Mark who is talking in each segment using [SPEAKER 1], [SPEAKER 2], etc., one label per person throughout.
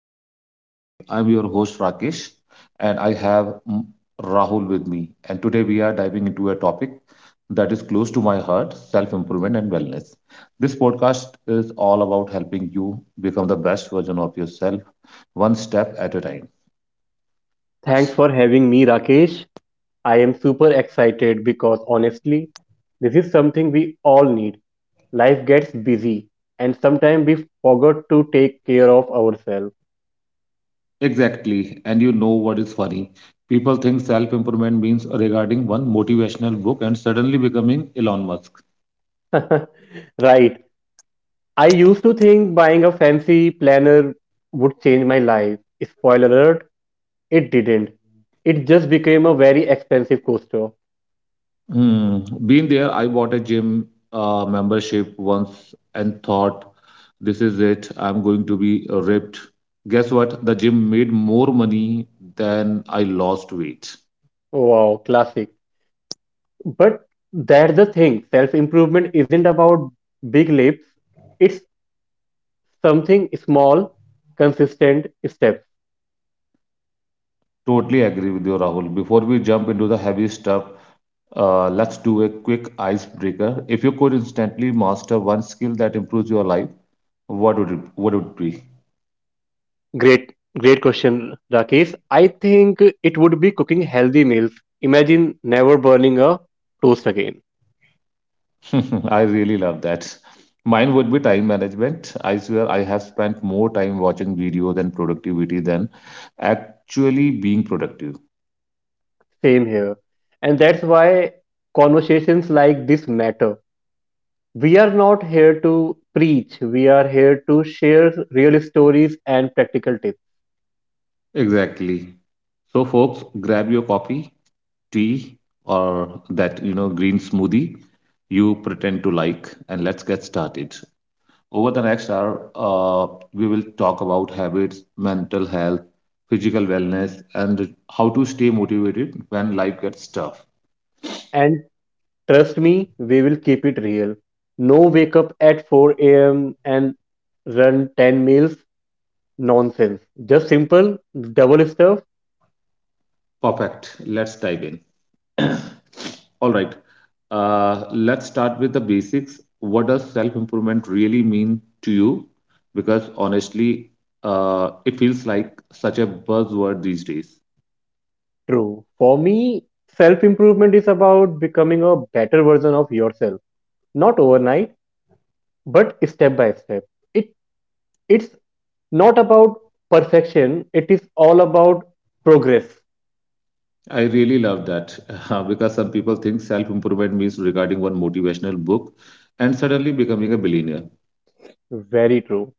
[SPEAKER 1] to Level Up Your Life. I'm your host, Rakesh, and I have Rahul with me. And today we are diving into a topic that is close to my heart, self improvement and wellness. This podcast is all about helping you become the best version of yourself, one step at a time.
[SPEAKER 2] Thanks for having me, Rakesh. I am super excited because honestly, this is something we all need. Life gets busy, and sometimes we forget to take care of ourselves.
[SPEAKER 1] Exactly. And you know what is funny? People think self improvement means regarding one motivational book and suddenly becoming Elon Musk.
[SPEAKER 2] Right. I used to think buying a fancy planner would change my life. Spoiler alert, it didn't. It just became a very expensive coaster.
[SPEAKER 1] Mm, been there. I bought a gym membership once and thought, this is it. I'm going to be ripped. Guess what? The gym made more money than I lost weight.
[SPEAKER 2] Wow, classic. But that's the thing self improvement isn't about big leaps. It's something small, consistent steps.
[SPEAKER 1] Totally agree with you, Rahul. Before we jump into the heavy stuff, let's do a quick icebreaker. If you could instantly master one skill that improves your life, what would it be?
[SPEAKER 2] Great, great question, Rakesh. I think it would be cooking healthy meals. Imagine never burning a toast again.
[SPEAKER 1] I really love that. Mine would be time management. I swear I have spent more time watching videos and productivity than actually being productive.
[SPEAKER 2] Same here. And that's why conversations like this matter. We are not here to preach, we are here to share real stories and practical tips.
[SPEAKER 1] Exactly. So, folks, grab your coffee, tea, or that green smoothie you pretend to like, and let's get started. Over the next hour, we will talk about habits, mental health, physical wellness, and how to stay motivated when life gets tough.
[SPEAKER 2] And trust me, we will keep it real. No wake up at 4 a.m. and run 10 meals. Nonsense. Just simple, double stuff.
[SPEAKER 1] Perfect. Let's dive in. All right. Let's start with the basics. What does self-improvement really mean to you? Because honestly, it feels like such a buzzword these days.
[SPEAKER 2] True. For me, self improvement is about becoming a better version of yourself. Not overnight, but step by step. It it's not about perfection, it is all about progress.
[SPEAKER 1] I really love that because some people think self-improvement means regarding one motivational book and suddenly becoming a billionaire.
[SPEAKER 2] Very true.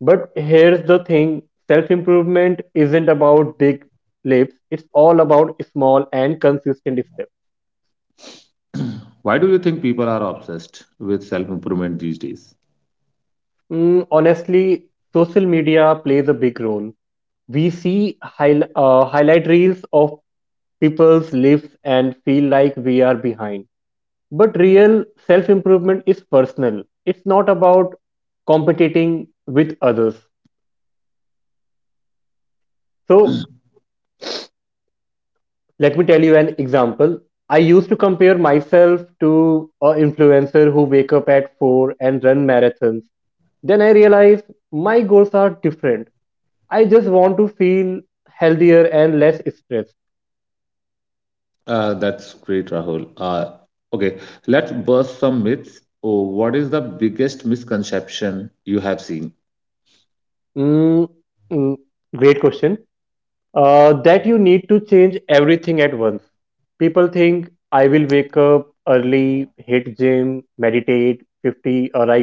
[SPEAKER 2] But here's the thing self improvement isn't about big leaps, it's all about small and consistent steps.
[SPEAKER 1] Why do you think people are obsessed with self-improvement these days?
[SPEAKER 2] Honestly, social media plays a big role. We see highlight reels of people's lives and feel like we are behind. But real self improvement is personal, it's not about competing with others. So, let me tell you an example. I used to compare myself to an influencer who wake up at 4 and run marathons. Then I realized my goals are different. I just want to feel healthier and less stressed.
[SPEAKER 1] That's great, Rahul. Okay, let's burst some myths. Oh, what is the biggest misconception you have seen?
[SPEAKER 2] Mm, mm, Great question. That you need to change everything at once. People think I will wake up early, hit gym, meditate 50 or I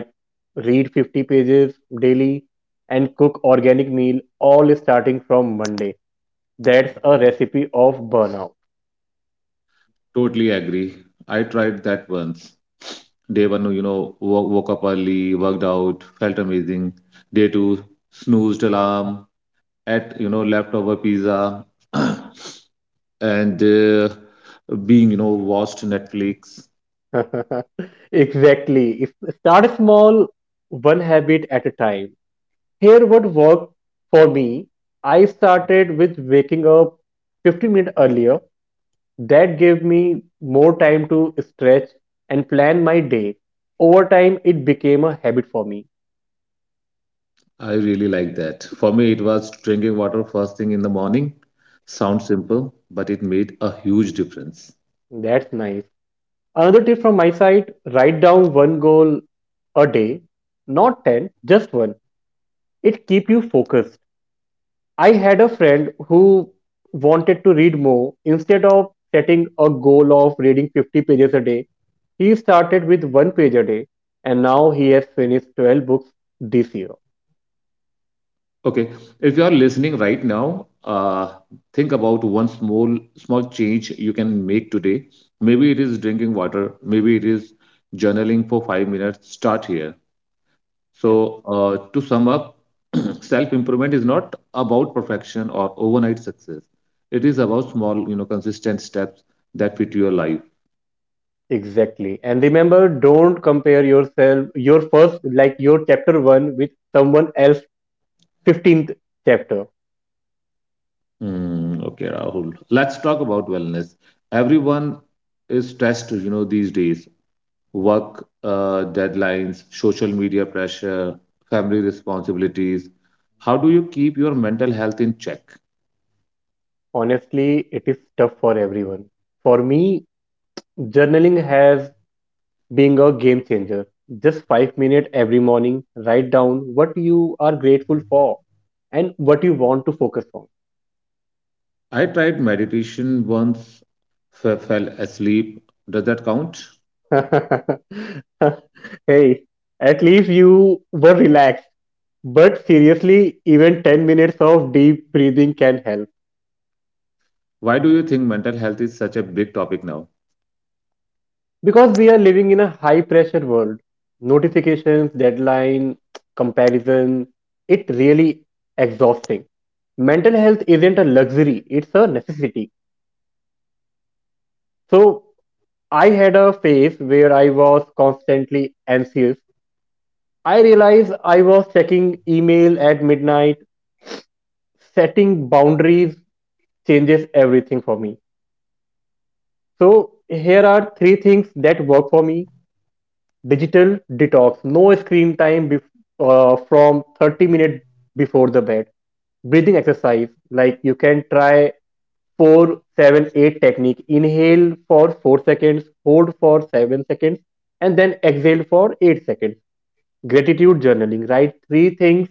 [SPEAKER 2] read 50 pages daily and cook organic meal all starting from Monday. That's a recipe of burnout.
[SPEAKER 1] Totally agree. I tried that once. Day one, woke up early, worked out, felt amazing. Day two, snoozed alarm, ate, leftover pizza, and watched Netflix.
[SPEAKER 2] Exactly. Start small, one habit at a time. Here what worked for me, I started with waking up 15 minutes earlier. That gave me more time to stretch and plan my day. Over time, it became a habit for me.
[SPEAKER 1] I really like that. For me, it was drinking water first thing in the morning. Sounds simple, but it made a huge difference.
[SPEAKER 2] That's nice. Another tip from my side write down one goal a day, not 10, just one. It keep you focused. I had a friend who wanted to read more. Instead of setting a goal of reading 50 pages a day, he started with one page a day and now he has finished 12 books this year.
[SPEAKER 1] Okay, if you are listening right now, think about one small change you can make today. Maybe it is drinking water. Maybe it is journaling for 5 minutes. Start here. So to sum up, self improvement is not about perfection or overnight success. It is about small, consistent steps that fit your life.
[SPEAKER 2] Exactly. And remember, don't compare yourself, your first, like your chapter one, with someone else's 15th chapter.
[SPEAKER 1] Hmm. Okay, Rahul. Let's talk about wellness. Everyone is stressed, these days. Work deadlines, social media pressure, family responsibilities. How do you keep your mental health in check?
[SPEAKER 2] Honestly, it is tough for everyone. For me, journaling has been a game changer. Just 5 minutes every morning, write down what you are grateful for and what you want to focus on.
[SPEAKER 1] I tried meditation once, fell asleep. Does that count?
[SPEAKER 2] Hey, at least you were relaxed. But seriously, even 10 minutes of deep breathing can help.
[SPEAKER 1] Why do you think mental health is such a big topic now?
[SPEAKER 2] Because we are living in a high pressure world, notifications, deadline, comparison, it really exhausting. Mental health isn't a luxury, it's a necessity. So I had a phase where I was constantly anxious. I realized I was checking email at midnight, setting boundaries changes everything for me. So here are three things that work for me: digital detox, no screen time from 30 minutes before the bed; breathing exercise, like you can try 4-7-8 technique, inhale for 4 seconds, hold for 7 seconds, and then exhale for 8 seconds; gratitude journaling, write three things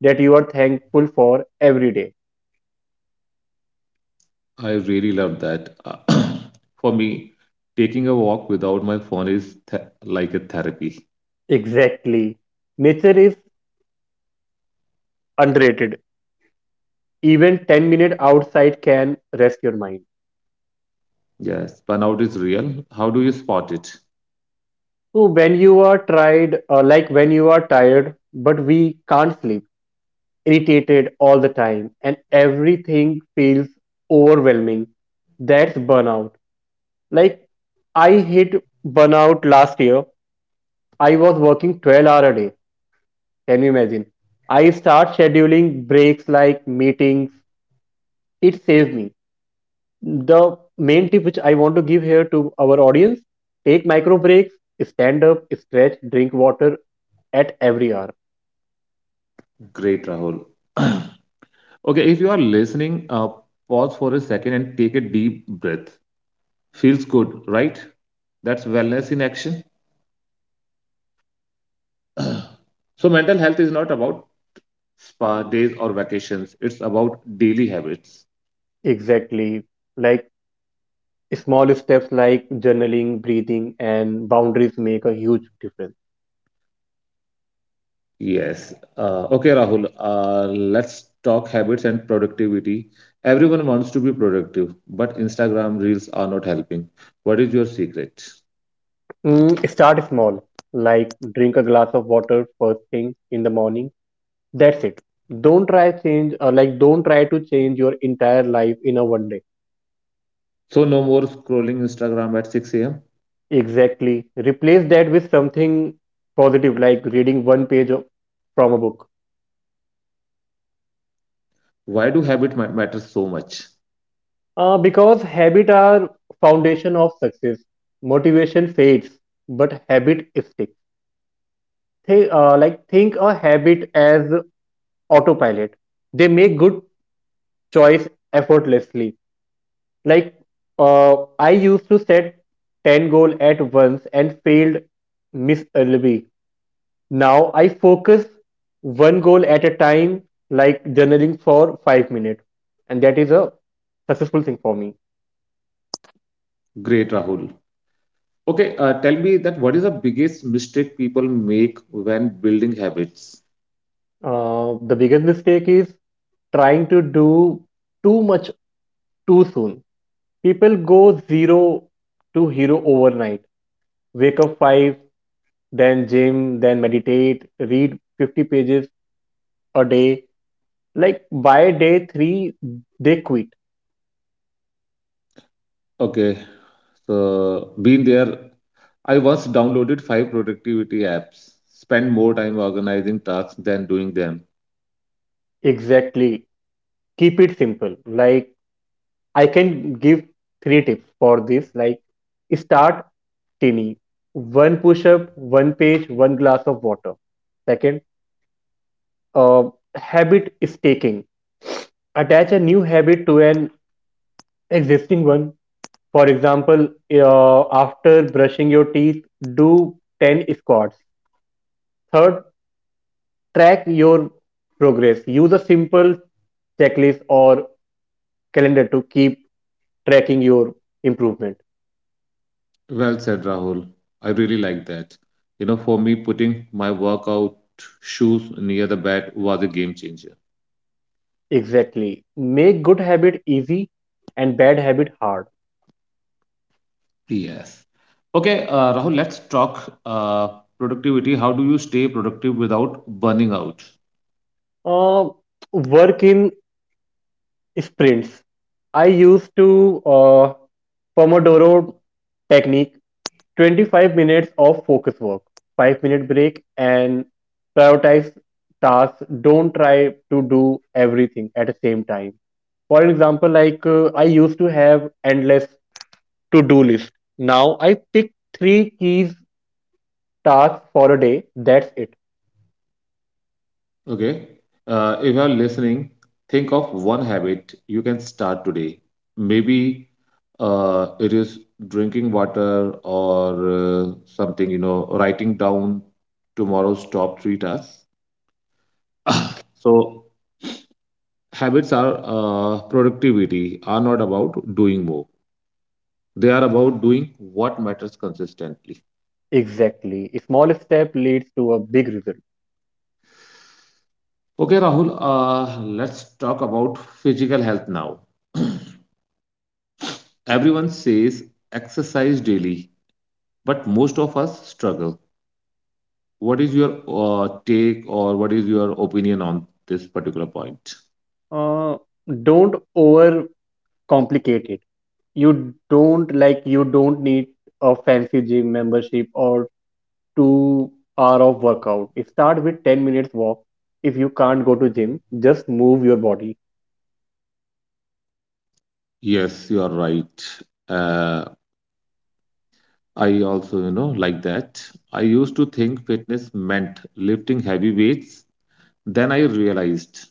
[SPEAKER 2] that you are thankful for every day.
[SPEAKER 1] I really love that. For me, taking a walk without my phone is like a therapy.
[SPEAKER 2] Exactly. Nature is underrated. Even 10 minutes outside can rest your mind.
[SPEAKER 1] Yes, burnout is real. How do you spot it?
[SPEAKER 2] So when you are like when you are tired, but we can't sleep, irritated all the time, and everything feels overwhelming, that's burnout. Like I hit burnout last year. I was working 12 hour a day. Can you imagine? I start scheduling breaks like meetings. It saved me. The main tip which I want to give here to our audience, take micro breaks, stand up, stretch, drink water at every hour.
[SPEAKER 1] Great, Rahul. Okay, if you are listening, pause for a second and take a deep breath. Feels good, right? That's wellness in action. So, mental health is not about spa days or vacations, it's about daily habits.
[SPEAKER 2] Exactly. Like small steps like journaling, breathing, and boundaries make a huge difference.
[SPEAKER 1] Yes. Okay, Rahul, let's talk habits and productivity. Everyone wants to be productive, but Instagram reels are not helping. What is your secret?
[SPEAKER 2] Start small, like drink a glass of water first thing in the morning. That's it. Don't try to change your entire life in a one day.
[SPEAKER 1] So no more scrolling Instagram at 6 a.m.
[SPEAKER 2] Exactly. Replace that with something positive, like reading one page from a book.
[SPEAKER 1] Why do matter so much?
[SPEAKER 2] Because habit are foundation of success. Motivation fades, but habit sticks. Think a habit as autopilot. They make good choice effortlessly. Like I used to set 10 goal at once and failed miserably. Now I focus one goal at a time, like journaling for 5 minutes, and that is a successful thing for me.
[SPEAKER 1] Great, Rahul. Okay, tell me that what is the biggest mistake people make when building habits?
[SPEAKER 2] The biggest mistake is trying to do too much too soon. People go zero to hero overnight: wake up 5, then gym, then meditate, read 50 pages a day. Like by day 3 they quit.
[SPEAKER 1] Okay, so being there, I once downloaded five productivity apps, spent more time organizing tasks than doing them.
[SPEAKER 2] Exactly. Keep it simple. Like I can give three tips for this. Like, start tiny: one push up, one page, one glass of water. Second, uh, habit is attach a new habit to an existing one. For example, after brushing your teeth do 10 squats. Third, track your progress. Use a simple checklist or calendar to keep tracking your improvement.
[SPEAKER 1] Well said, Rahul. I really like that. You know, for me, putting my workout shoes near the bed was a game changer.
[SPEAKER 2] Exactly. Make good habit easy and bad habit hard.
[SPEAKER 1] Yes. Okay, Rahul, let's talk productivity. How do you stay productive without burning out?
[SPEAKER 2] Uh, Work in sprints. I used to Pomodoro technique: 25 minutes of focus work, 5-minute break, and prioritize tasks. Don't try to do everything at the same time. For an example, like I used to have endless to do list. Now I pick three keys tasks for a day, that's it.
[SPEAKER 1] Okay, if you're listening, think of one habit you can start today. Maybe it is drinking water or something, you know, writing down tomorrow's top three tasks. So, habits are productivity are not about doing more, they are about doing what matters consistently.
[SPEAKER 2] Exactly, a small step leads to a big result.
[SPEAKER 1] Okay, Rahul, let's talk about physical health now. Everyone says exercise daily, but most of us struggle. What is your take, or what is your opinion on this particular point?
[SPEAKER 2] uh, don't overcomplicate it. You don't like you don't need a fancy gym membership or 2 hour of workout. Start with 10 minutes walk. If you can't go to gym, just move your body.
[SPEAKER 1] Yes, you are right. Uh, I also, you know, like that. I used to think fitness meant lifting heavy weights. Then I realized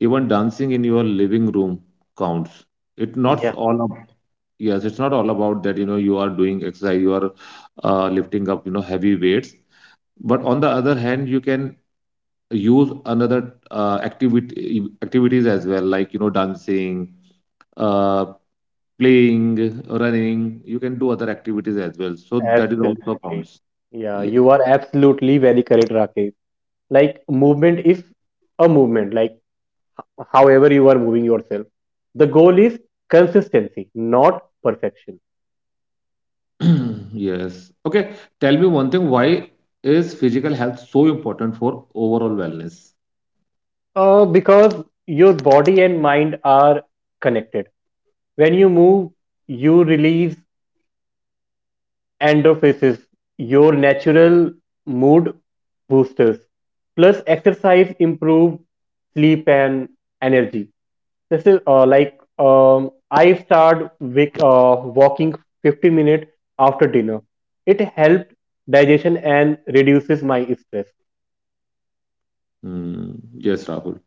[SPEAKER 1] even dancing in your living room counts. It's not all, yes it's not all about that, you know, you are doing exercise, you are lifting up, you know, heavy weights, but on the other hand you can use another activity activities as well, like, you know, dancing uh, playing, running, you can do other activities as well, so that is also
[SPEAKER 2] Absolutely.
[SPEAKER 1] counts.
[SPEAKER 2] Yeah,
[SPEAKER 1] Ye-
[SPEAKER 2] you are absolutely very correct, Rakesh. Like movement is a movement, like however you are moving yourself. The goal is consistency, not perfection.
[SPEAKER 1] yes, okay, tell me one thing, why is physical health so important for overall wellness?
[SPEAKER 2] Because your body and mind are connected. When you move, you release endorphins, your natural mood boosters. Plus, exercise improves sleep and energy. This is like I started with, walking 15 minutes after dinner. It helps digestion and reduces my stress.
[SPEAKER 1] Hmm. Yes, Rahul.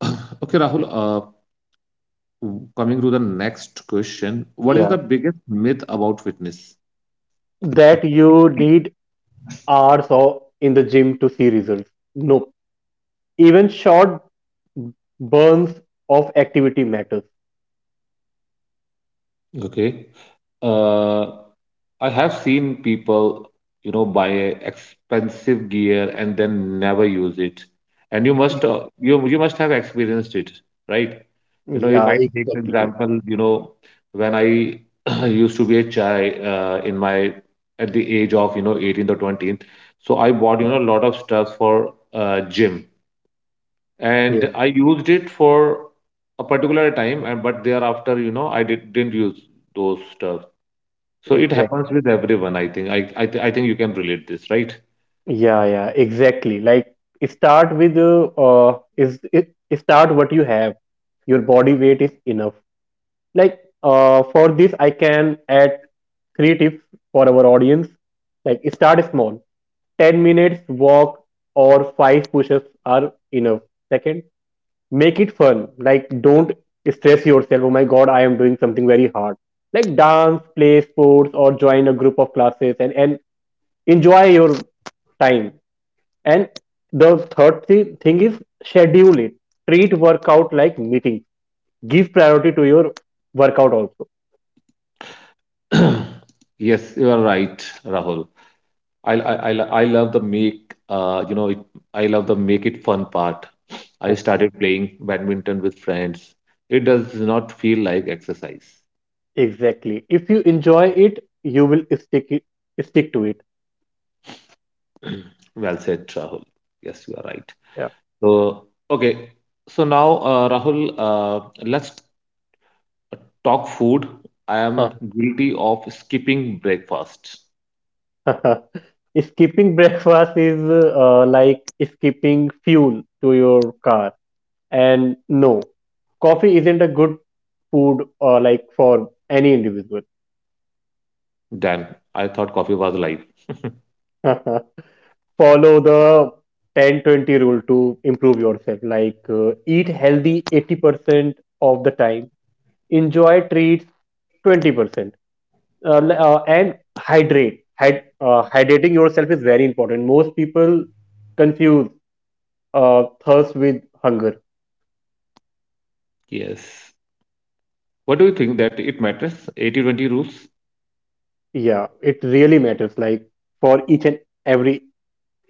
[SPEAKER 1] Okay, Rahul. Coming to the next question, what is
[SPEAKER 2] Yeah.
[SPEAKER 1] the biggest myth about fitness?
[SPEAKER 2] That you need hours or in the gym to see results. No, even short burns of activity matters.
[SPEAKER 1] Okay, uh, I have seen people, you know, buy expensive gear and then never use it, and you must you must have experienced it, right? You know, if
[SPEAKER 2] Yeah,
[SPEAKER 1] I take an
[SPEAKER 2] exactly.
[SPEAKER 1] example, you know, when I used to be a child in my, at the age of, you know, 18th or 20th, so I bought, you know, a lot of stuff for gym, and
[SPEAKER 2] Yeah,
[SPEAKER 1] I used it for a particular time, and but thereafter, you know, didn't use those stuff. So it
[SPEAKER 2] exactly.
[SPEAKER 1] happens with everyone, I think. I think you can relate this, right?
[SPEAKER 2] Yeah, yeah, exactly. Like start with is it start what you have. Your body weight is enough. Like for this I can add three tips for our audience. Like, start small: 10 minutes walk or 5 push-ups are enough. Second, make it fun. Like, don't stress yourself: oh my god, I am doing something very hard. Like, dance, play sports, or join a group of classes and enjoy your time. And the third thing is schedule it. Treat workout like meeting. Give priority to your workout also.
[SPEAKER 1] Yes, you are right, Rahul. I I love the make you know it, I love the make it fun part. I started playing badminton with friends. It does not feel like exercise.
[SPEAKER 2] Exactly. If you enjoy it, you will stick to it.
[SPEAKER 1] Well said, Rahul. Yes, you are right.
[SPEAKER 2] Yeah.
[SPEAKER 1] So, okay. So now, Rahul, let's talk food. I
[SPEAKER 2] Huh.
[SPEAKER 1] am guilty of skipping breakfast.
[SPEAKER 2] Skipping breakfast is like skipping fuel to your car. And no, coffee isn't a good food like for any individual.
[SPEAKER 1] Damn, I thought coffee was life.
[SPEAKER 2] Follow the 10/20 rule to improve yourself. Like eat healthy 80% of the time, enjoy treats 20%, uh, and hydrate. Hydrating yourself is very important. Most people confuse thirst with hunger.
[SPEAKER 1] Yes. What do you think that it matters? 80-20 rules.
[SPEAKER 2] Yeah, it really matters. Like for each and every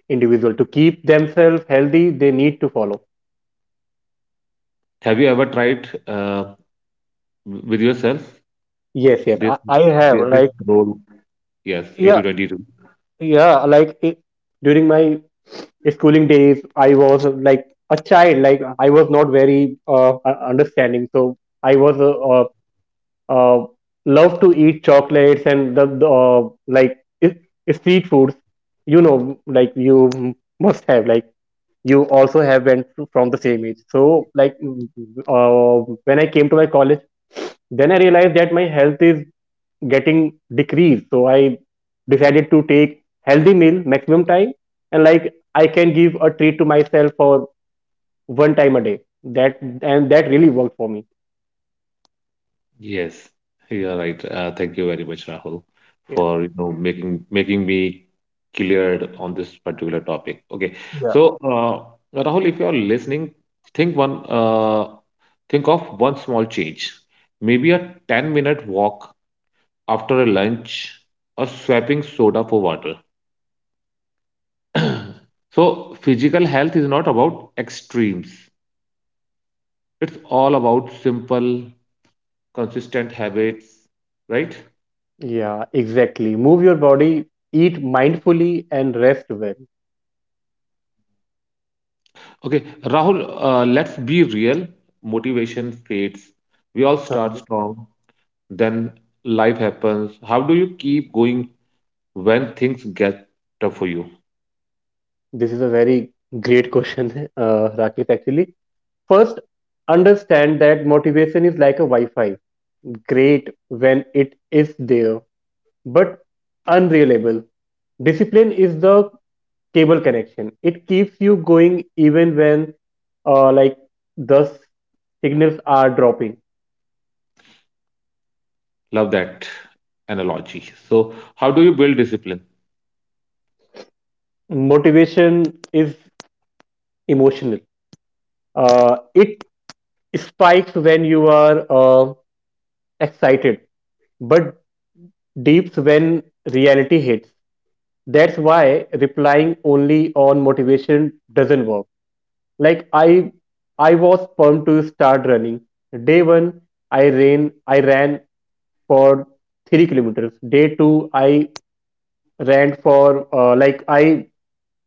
[SPEAKER 2] individual to keep themselves healthy, they need to follow.
[SPEAKER 1] Have you ever tried with yourself
[SPEAKER 2] Yes, yes,
[SPEAKER 1] this,
[SPEAKER 2] I have.
[SPEAKER 1] this
[SPEAKER 2] Like,
[SPEAKER 1] role? Yes,
[SPEAKER 2] yeah,
[SPEAKER 1] 80-20 20 rule.
[SPEAKER 2] yeah. Like it, during my schooling days, I was like a child. Like I was not very understanding. So I was uh, love to eat chocolates and the street foods. Like you must have, like you also have from the same age, so like when I came to my college, then I realized that my health is getting decreased. So I decided to take healthy meal maximum time, and like I can give a treat to myself for one time a day, that really worked for me.
[SPEAKER 1] Yes, you are right. Thank you very much, Rahul, for making me cleared on this particular topic. Okay,
[SPEAKER 2] Yeah.
[SPEAKER 1] so Rahul, if you are listening, think one uh, think of one small change, maybe a 10 minute walk after a lunch, or swapping soda for water. So physical health is not about extremes. It's all about simple, consistent habits, right?
[SPEAKER 2] Yeah, exactly. Move your body, eat mindfully, and rest well.
[SPEAKER 1] Okay, Rahul, let's be real. Motivation fades. We all start
[SPEAKER 2] Uh-huh.
[SPEAKER 1] strong, then life happens. How do you keep going when things get tough for you?
[SPEAKER 2] This is a very great question, Rakesh, actually. First, understand that motivation is like a Wi Fi. Great when it is there, but unreliable. Discipline is the cable connection. It keeps you going even when, uh, like, the signals are dropping.
[SPEAKER 1] Love that analogy. So, how do you build discipline?
[SPEAKER 2] Motivation is emotional. It spikes when you are excited, but dips when reality hits. That's why replying only on motivation doesn't work. Like I was pumped to start running. Day one, I ran for 3 kilometers. Day two, I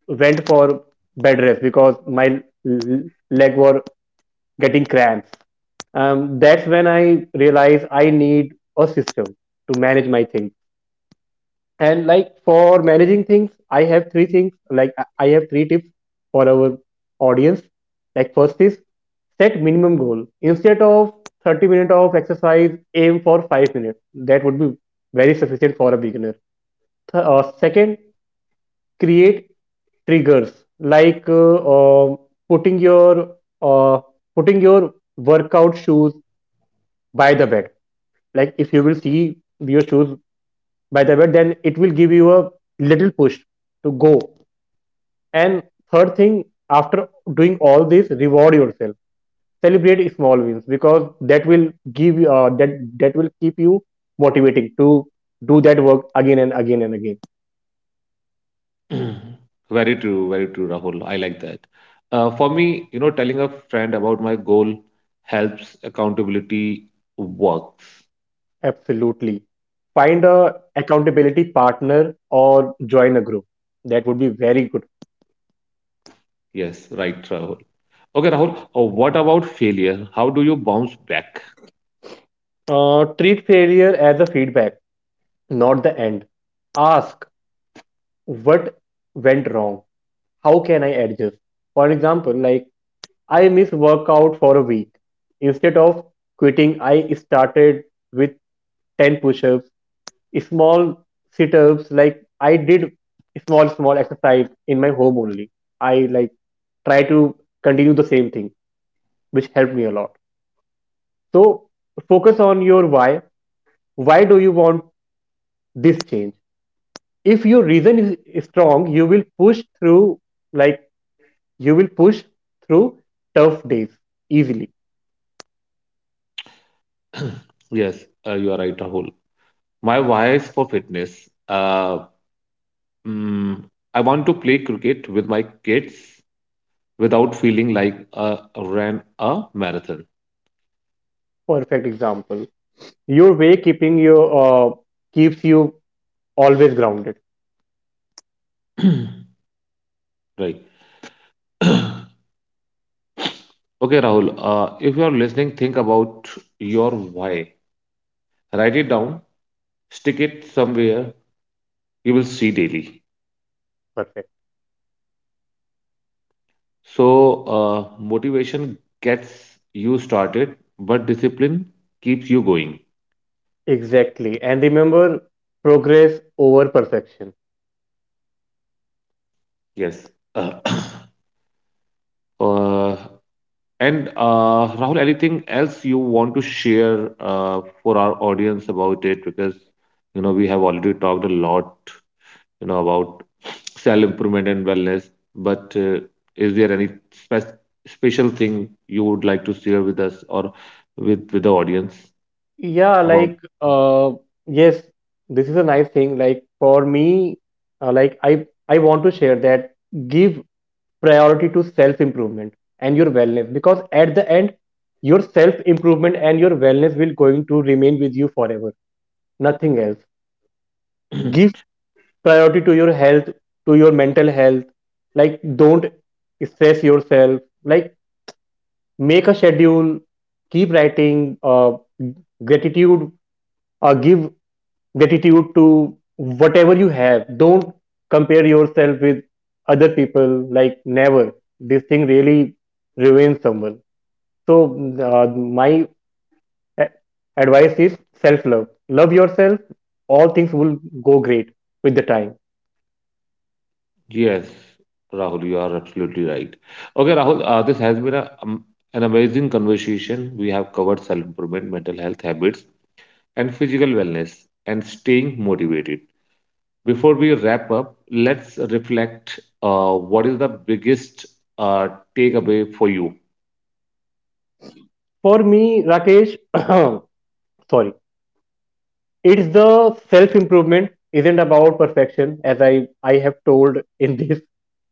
[SPEAKER 2] went for bed rest because my l- leg were getting cramps. That's when I realized I need a system to manage my things. And like for managing things, I have three things. Like I have three tips for our audience. Like first is set minimum goal. Instead of 30 minutes of exercise, aim for 5 minutes. That would be very sufficient for a beginner. Second, create triggers like putting your uh, putting your workout shoes by the bed. Like if you will see your shoes by the bed, then it will give you a little push to go. And third thing, after doing all this, reward yourself. Celebrate small wins because that will give you that will keep you motivating to do that work again and again and again.
[SPEAKER 1] Very true, Rahul. I like that. For me, you know, telling a friend about my goal helps, accountability works.
[SPEAKER 2] Absolutely. Find a accountability partner or join a group. That would be very good.
[SPEAKER 1] Yes, right, Rahul. Okay, Rahul, what about failure? How do you bounce back?
[SPEAKER 2] Treat failure as a feedback, not the end. Ask what went wrong? How can I adjust? For example, like I miss workout for a week. Instead of quitting, I started with 10 push ups, small sit ups. Like I did small, small exercise in my home only. I like try to continue the same thing, which helped me a lot. So focus on your why. Why do you want this change? If your reason is strong, you will push through like you will push through tough days easily.
[SPEAKER 1] Yes, you are right, Rahul. My why is for fitness. Mm, I want to play cricket with my kids without feeling like I ran a marathon.
[SPEAKER 2] Perfect example. Your way keeping you keeps you always grounded.
[SPEAKER 1] Right. Okay, Rahul, if you are listening, think about your why. Write it down, stick it somewhere, you will see daily.
[SPEAKER 2] Perfect.
[SPEAKER 1] So, motivation gets you started, but discipline keeps you going.
[SPEAKER 2] Exactly. And remember progress over perfection.
[SPEAKER 1] Yes. Uh, and Rahul, anything else you want to share for our audience about it? Because you know we have already talked a lot, you know, about self improvement and wellness. But is there any special thing you would like to share with us or with the audience
[SPEAKER 2] Yeah,
[SPEAKER 1] about?
[SPEAKER 2] like uh, yes, this is a nice thing. Like for me, like I want to share that give priority to self improvement and your wellness because at the end your self improvement and your wellness will going to remain with you forever, nothing else. Give priority to your health, to your mental health. Like don't stress yourself, like make a schedule, keep writing gratitude, give gratitude to whatever you have. Don't compare yourself with other people, like never. This thing really ruins someone. So uh, my a- advice is self love. Love yourself, all things will go great with the time.
[SPEAKER 1] Yes, Rahul, you are absolutely right. Okay, Rahul, this has been a, an amazing conversation. We have covered self improvement, mental health habits and physical wellness and staying motivated. Before we wrap up, let's reflect, what is the biggest uh, takeaway for you?
[SPEAKER 2] For me, Rakesh, sorry, it's the self improvement isn't about perfection, as I have told in this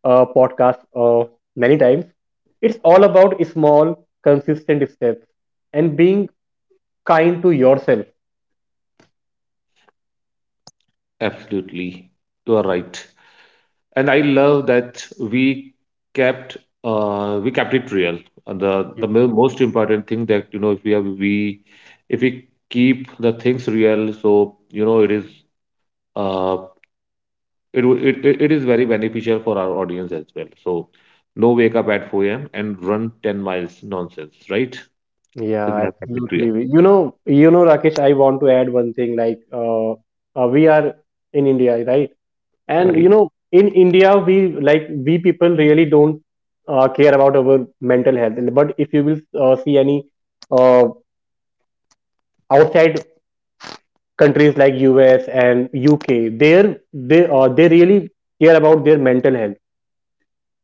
[SPEAKER 2] podcast many times. It's all about small, consistent steps and being kind to yourself.
[SPEAKER 1] Absolutely, you are right. And I love that kept we kept it real. And the
[SPEAKER 2] Yeah.
[SPEAKER 1] the mo- most important thing, that you know if we keep the things real, so you know it is. Uh, it wo- it is very beneficial for our audience as well. So no wake up at 4 a.m. and run 10 miles nonsense, right?
[SPEAKER 2] Yeah,
[SPEAKER 1] Similar criteria,
[SPEAKER 2] absolutely. You know, Rakesh, I want to add one thing like we are in India, right? And you
[SPEAKER 1] right?
[SPEAKER 2] know in india we, like we people really don't care about our mental health. But if you will see any uh, outside countries like us and uk, there they really care about their mental health.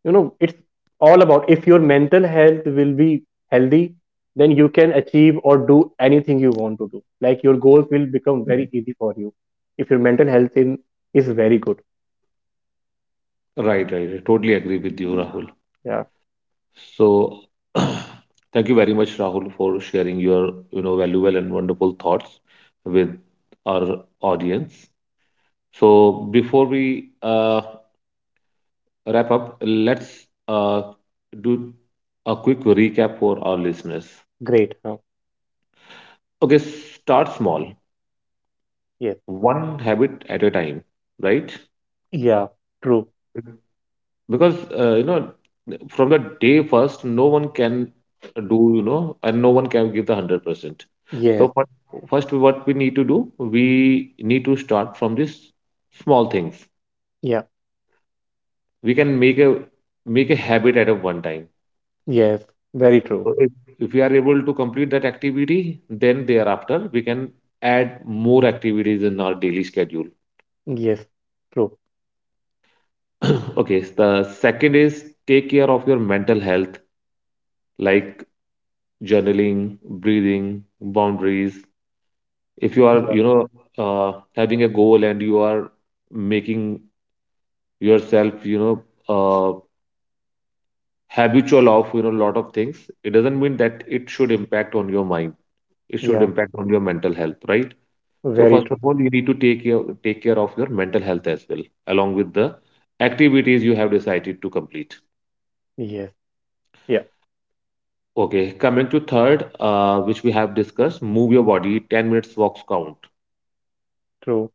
[SPEAKER 2] You know, it's all about if your mental health will be healthy, then you can achieve or do anything you want to do. Like your goals will become very easy for you if your is very good.
[SPEAKER 1] Right. I totally agree with you, Rahul.
[SPEAKER 2] Yeah,
[SPEAKER 1] So thank you very much, Rahul, for sharing your, you know, valuable and wonderful thoughts with our audience. So before we wrap up, let's do a quick recap for our listeners.
[SPEAKER 2] great huh?
[SPEAKER 1] Okay, start small.
[SPEAKER 2] Yes.
[SPEAKER 1] One habit at a time, right?
[SPEAKER 2] Yeah. True.
[SPEAKER 1] Because from the day first, no one can and no one can give the 100%. So
[SPEAKER 2] Yes,
[SPEAKER 1] fir- first, what we need to do, we need to start from these small things.
[SPEAKER 2] yeah,
[SPEAKER 1] We can make a make a habit at a one time.
[SPEAKER 2] yes, very true.
[SPEAKER 1] So if we are able to complete that activity, then thereafter we can add more activities in our daily schedule.
[SPEAKER 2] Yes, true.
[SPEAKER 1] Okay, the second is take care of your mental health like journaling, breathing, boundaries. If you are,
[SPEAKER 2] Yeah,
[SPEAKER 1] having a goal and you are making yourself, uh, habitual of, lot of things, it doesn't mean that it should impact on your mind. It should
[SPEAKER 2] yeah,
[SPEAKER 1] impact on your mental health, right? So
[SPEAKER 2] very
[SPEAKER 1] first
[SPEAKER 2] true.
[SPEAKER 1] of all, you need to take care of your mental health as well, along with the activities you have decided to complete.
[SPEAKER 2] Yes, yeah,
[SPEAKER 1] Okay, coming to third, which we have discussed, move your body, 10 minutes walks count.
[SPEAKER 2] true.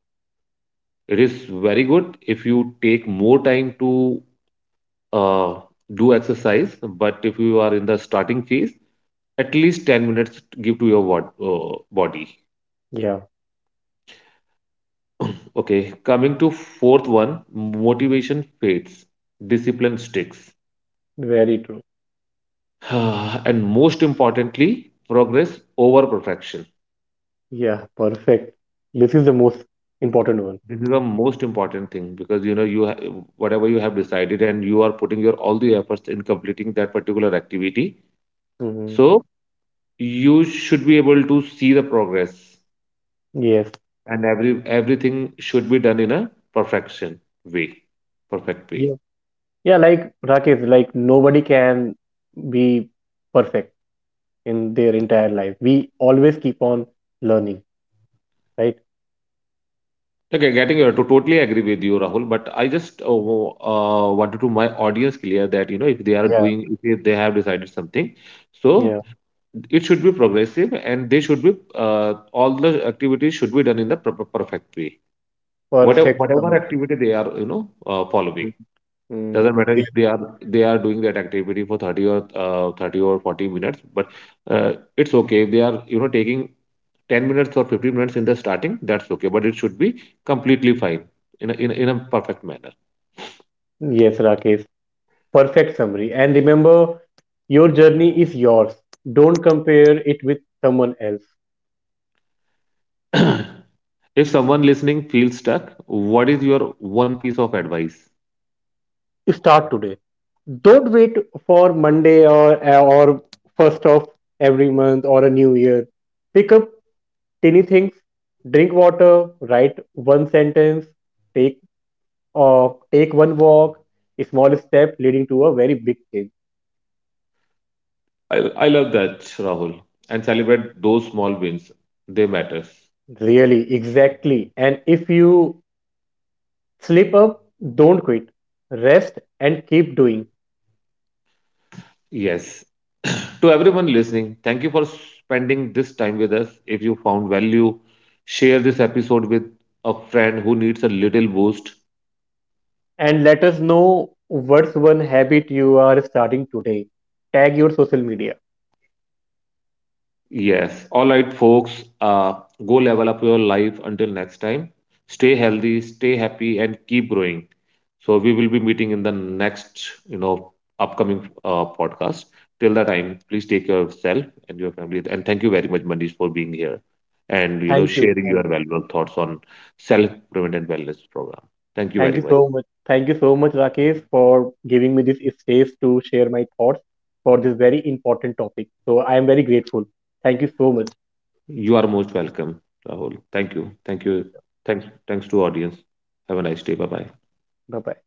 [SPEAKER 1] It is very good if you take more time to uh, do exercise, but if you are in the starting phase, at least 10 minutes give to your body.
[SPEAKER 2] Yeah,
[SPEAKER 1] Okay, coming to fourth one, motivation fades, discipline sticks.
[SPEAKER 2] very true.
[SPEAKER 1] And most importantly, progress over perfection.
[SPEAKER 2] Yeah, perfect. This is the most important one.
[SPEAKER 1] This is the most important thing because whatever you have decided and you are putting your all the efforts in completing that particular activity.
[SPEAKER 2] Hmm.
[SPEAKER 1] So you should be able to see the progress
[SPEAKER 2] Yes,
[SPEAKER 1] and every everything should be done in a perfection way perfect way.
[SPEAKER 2] yeah, yeah. Like Rakesh, like nobody can be perfect in their entire life. We always keep on learning, right?
[SPEAKER 1] Okay, getting you to totally agree with you, Rahul, but I just wanted to my audience clear that you know if they are
[SPEAKER 2] Yeah,
[SPEAKER 1] doing if they have decided something, so
[SPEAKER 2] yeah.
[SPEAKER 1] it should be progressive and they should be, all the activities should be done in the proper perfect way, whatever
[SPEAKER 2] Perfect
[SPEAKER 1] whatever
[SPEAKER 2] summary.
[SPEAKER 1] activity they are following. Doesn't
[SPEAKER 2] Mm-hmm.
[SPEAKER 1] matter if
[SPEAKER 2] Yes,
[SPEAKER 1] they are doing that activity for 30 or 30 or 40 minutes, but it's okay if they are, you know, taking 10 minutes or 15 minutes in the starting. That's okay, but it should be completely fine in a perfect manner.
[SPEAKER 2] yes, Rakesh. Perfect summary. And remember, your journey is yours. Don't compare it with someone else.
[SPEAKER 1] If someone listening feels stuck, what is your one piece of advice?
[SPEAKER 2] Start today. Don't wait for Monday or first of every month or a new year. Pick up tiny things. Drink water. Write one sentence. Take take one walk. A small step leading to a very big change.
[SPEAKER 1] I, I love that, Rahul. And celebrate those small wins. They matter.
[SPEAKER 2] Really, exactly. And if you slip up, don't quit. Rest and keep doing.
[SPEAKER 1] Yes. To everyone listening, thank you for spending this time with us. If you found value, share this episode with a friend who needs a little boost.
[SPEAKER 2] And let us know what's one habit you are starting today. Tag your social media.
[SPEAKER 1] Yes. All right, folks. Go level up your life until next time. Stay healthy, stay happy, and keep growing. So we will be meeting in the next, you know, upcoming podcast. Till that time, please take care of yourself and your family. And thank you very much, Manish, for being here and, you know,
[SPEAKER 2] Thank you.
[SPEAKER 1] sharing your valuable thoughts on self improvement and wellness program. Thank you
[SPEAKER 2] Thank
[SPEAKER 1] very
[SPEAKER 2] you
[SPEAKER 1] much.
[SPEAKER 2] so much. Thank you so much, Rakesh, for giving me this space to share my thoughts for this very important topic. So I am very grateful. Thank you so much.
[SPEAKER 1] You are most welcome, Rahul. Thank you. Thank you. Thanks. Thanks to audience. Have a nice day. Bye bye.
[SPEAKER 2] Bye bye.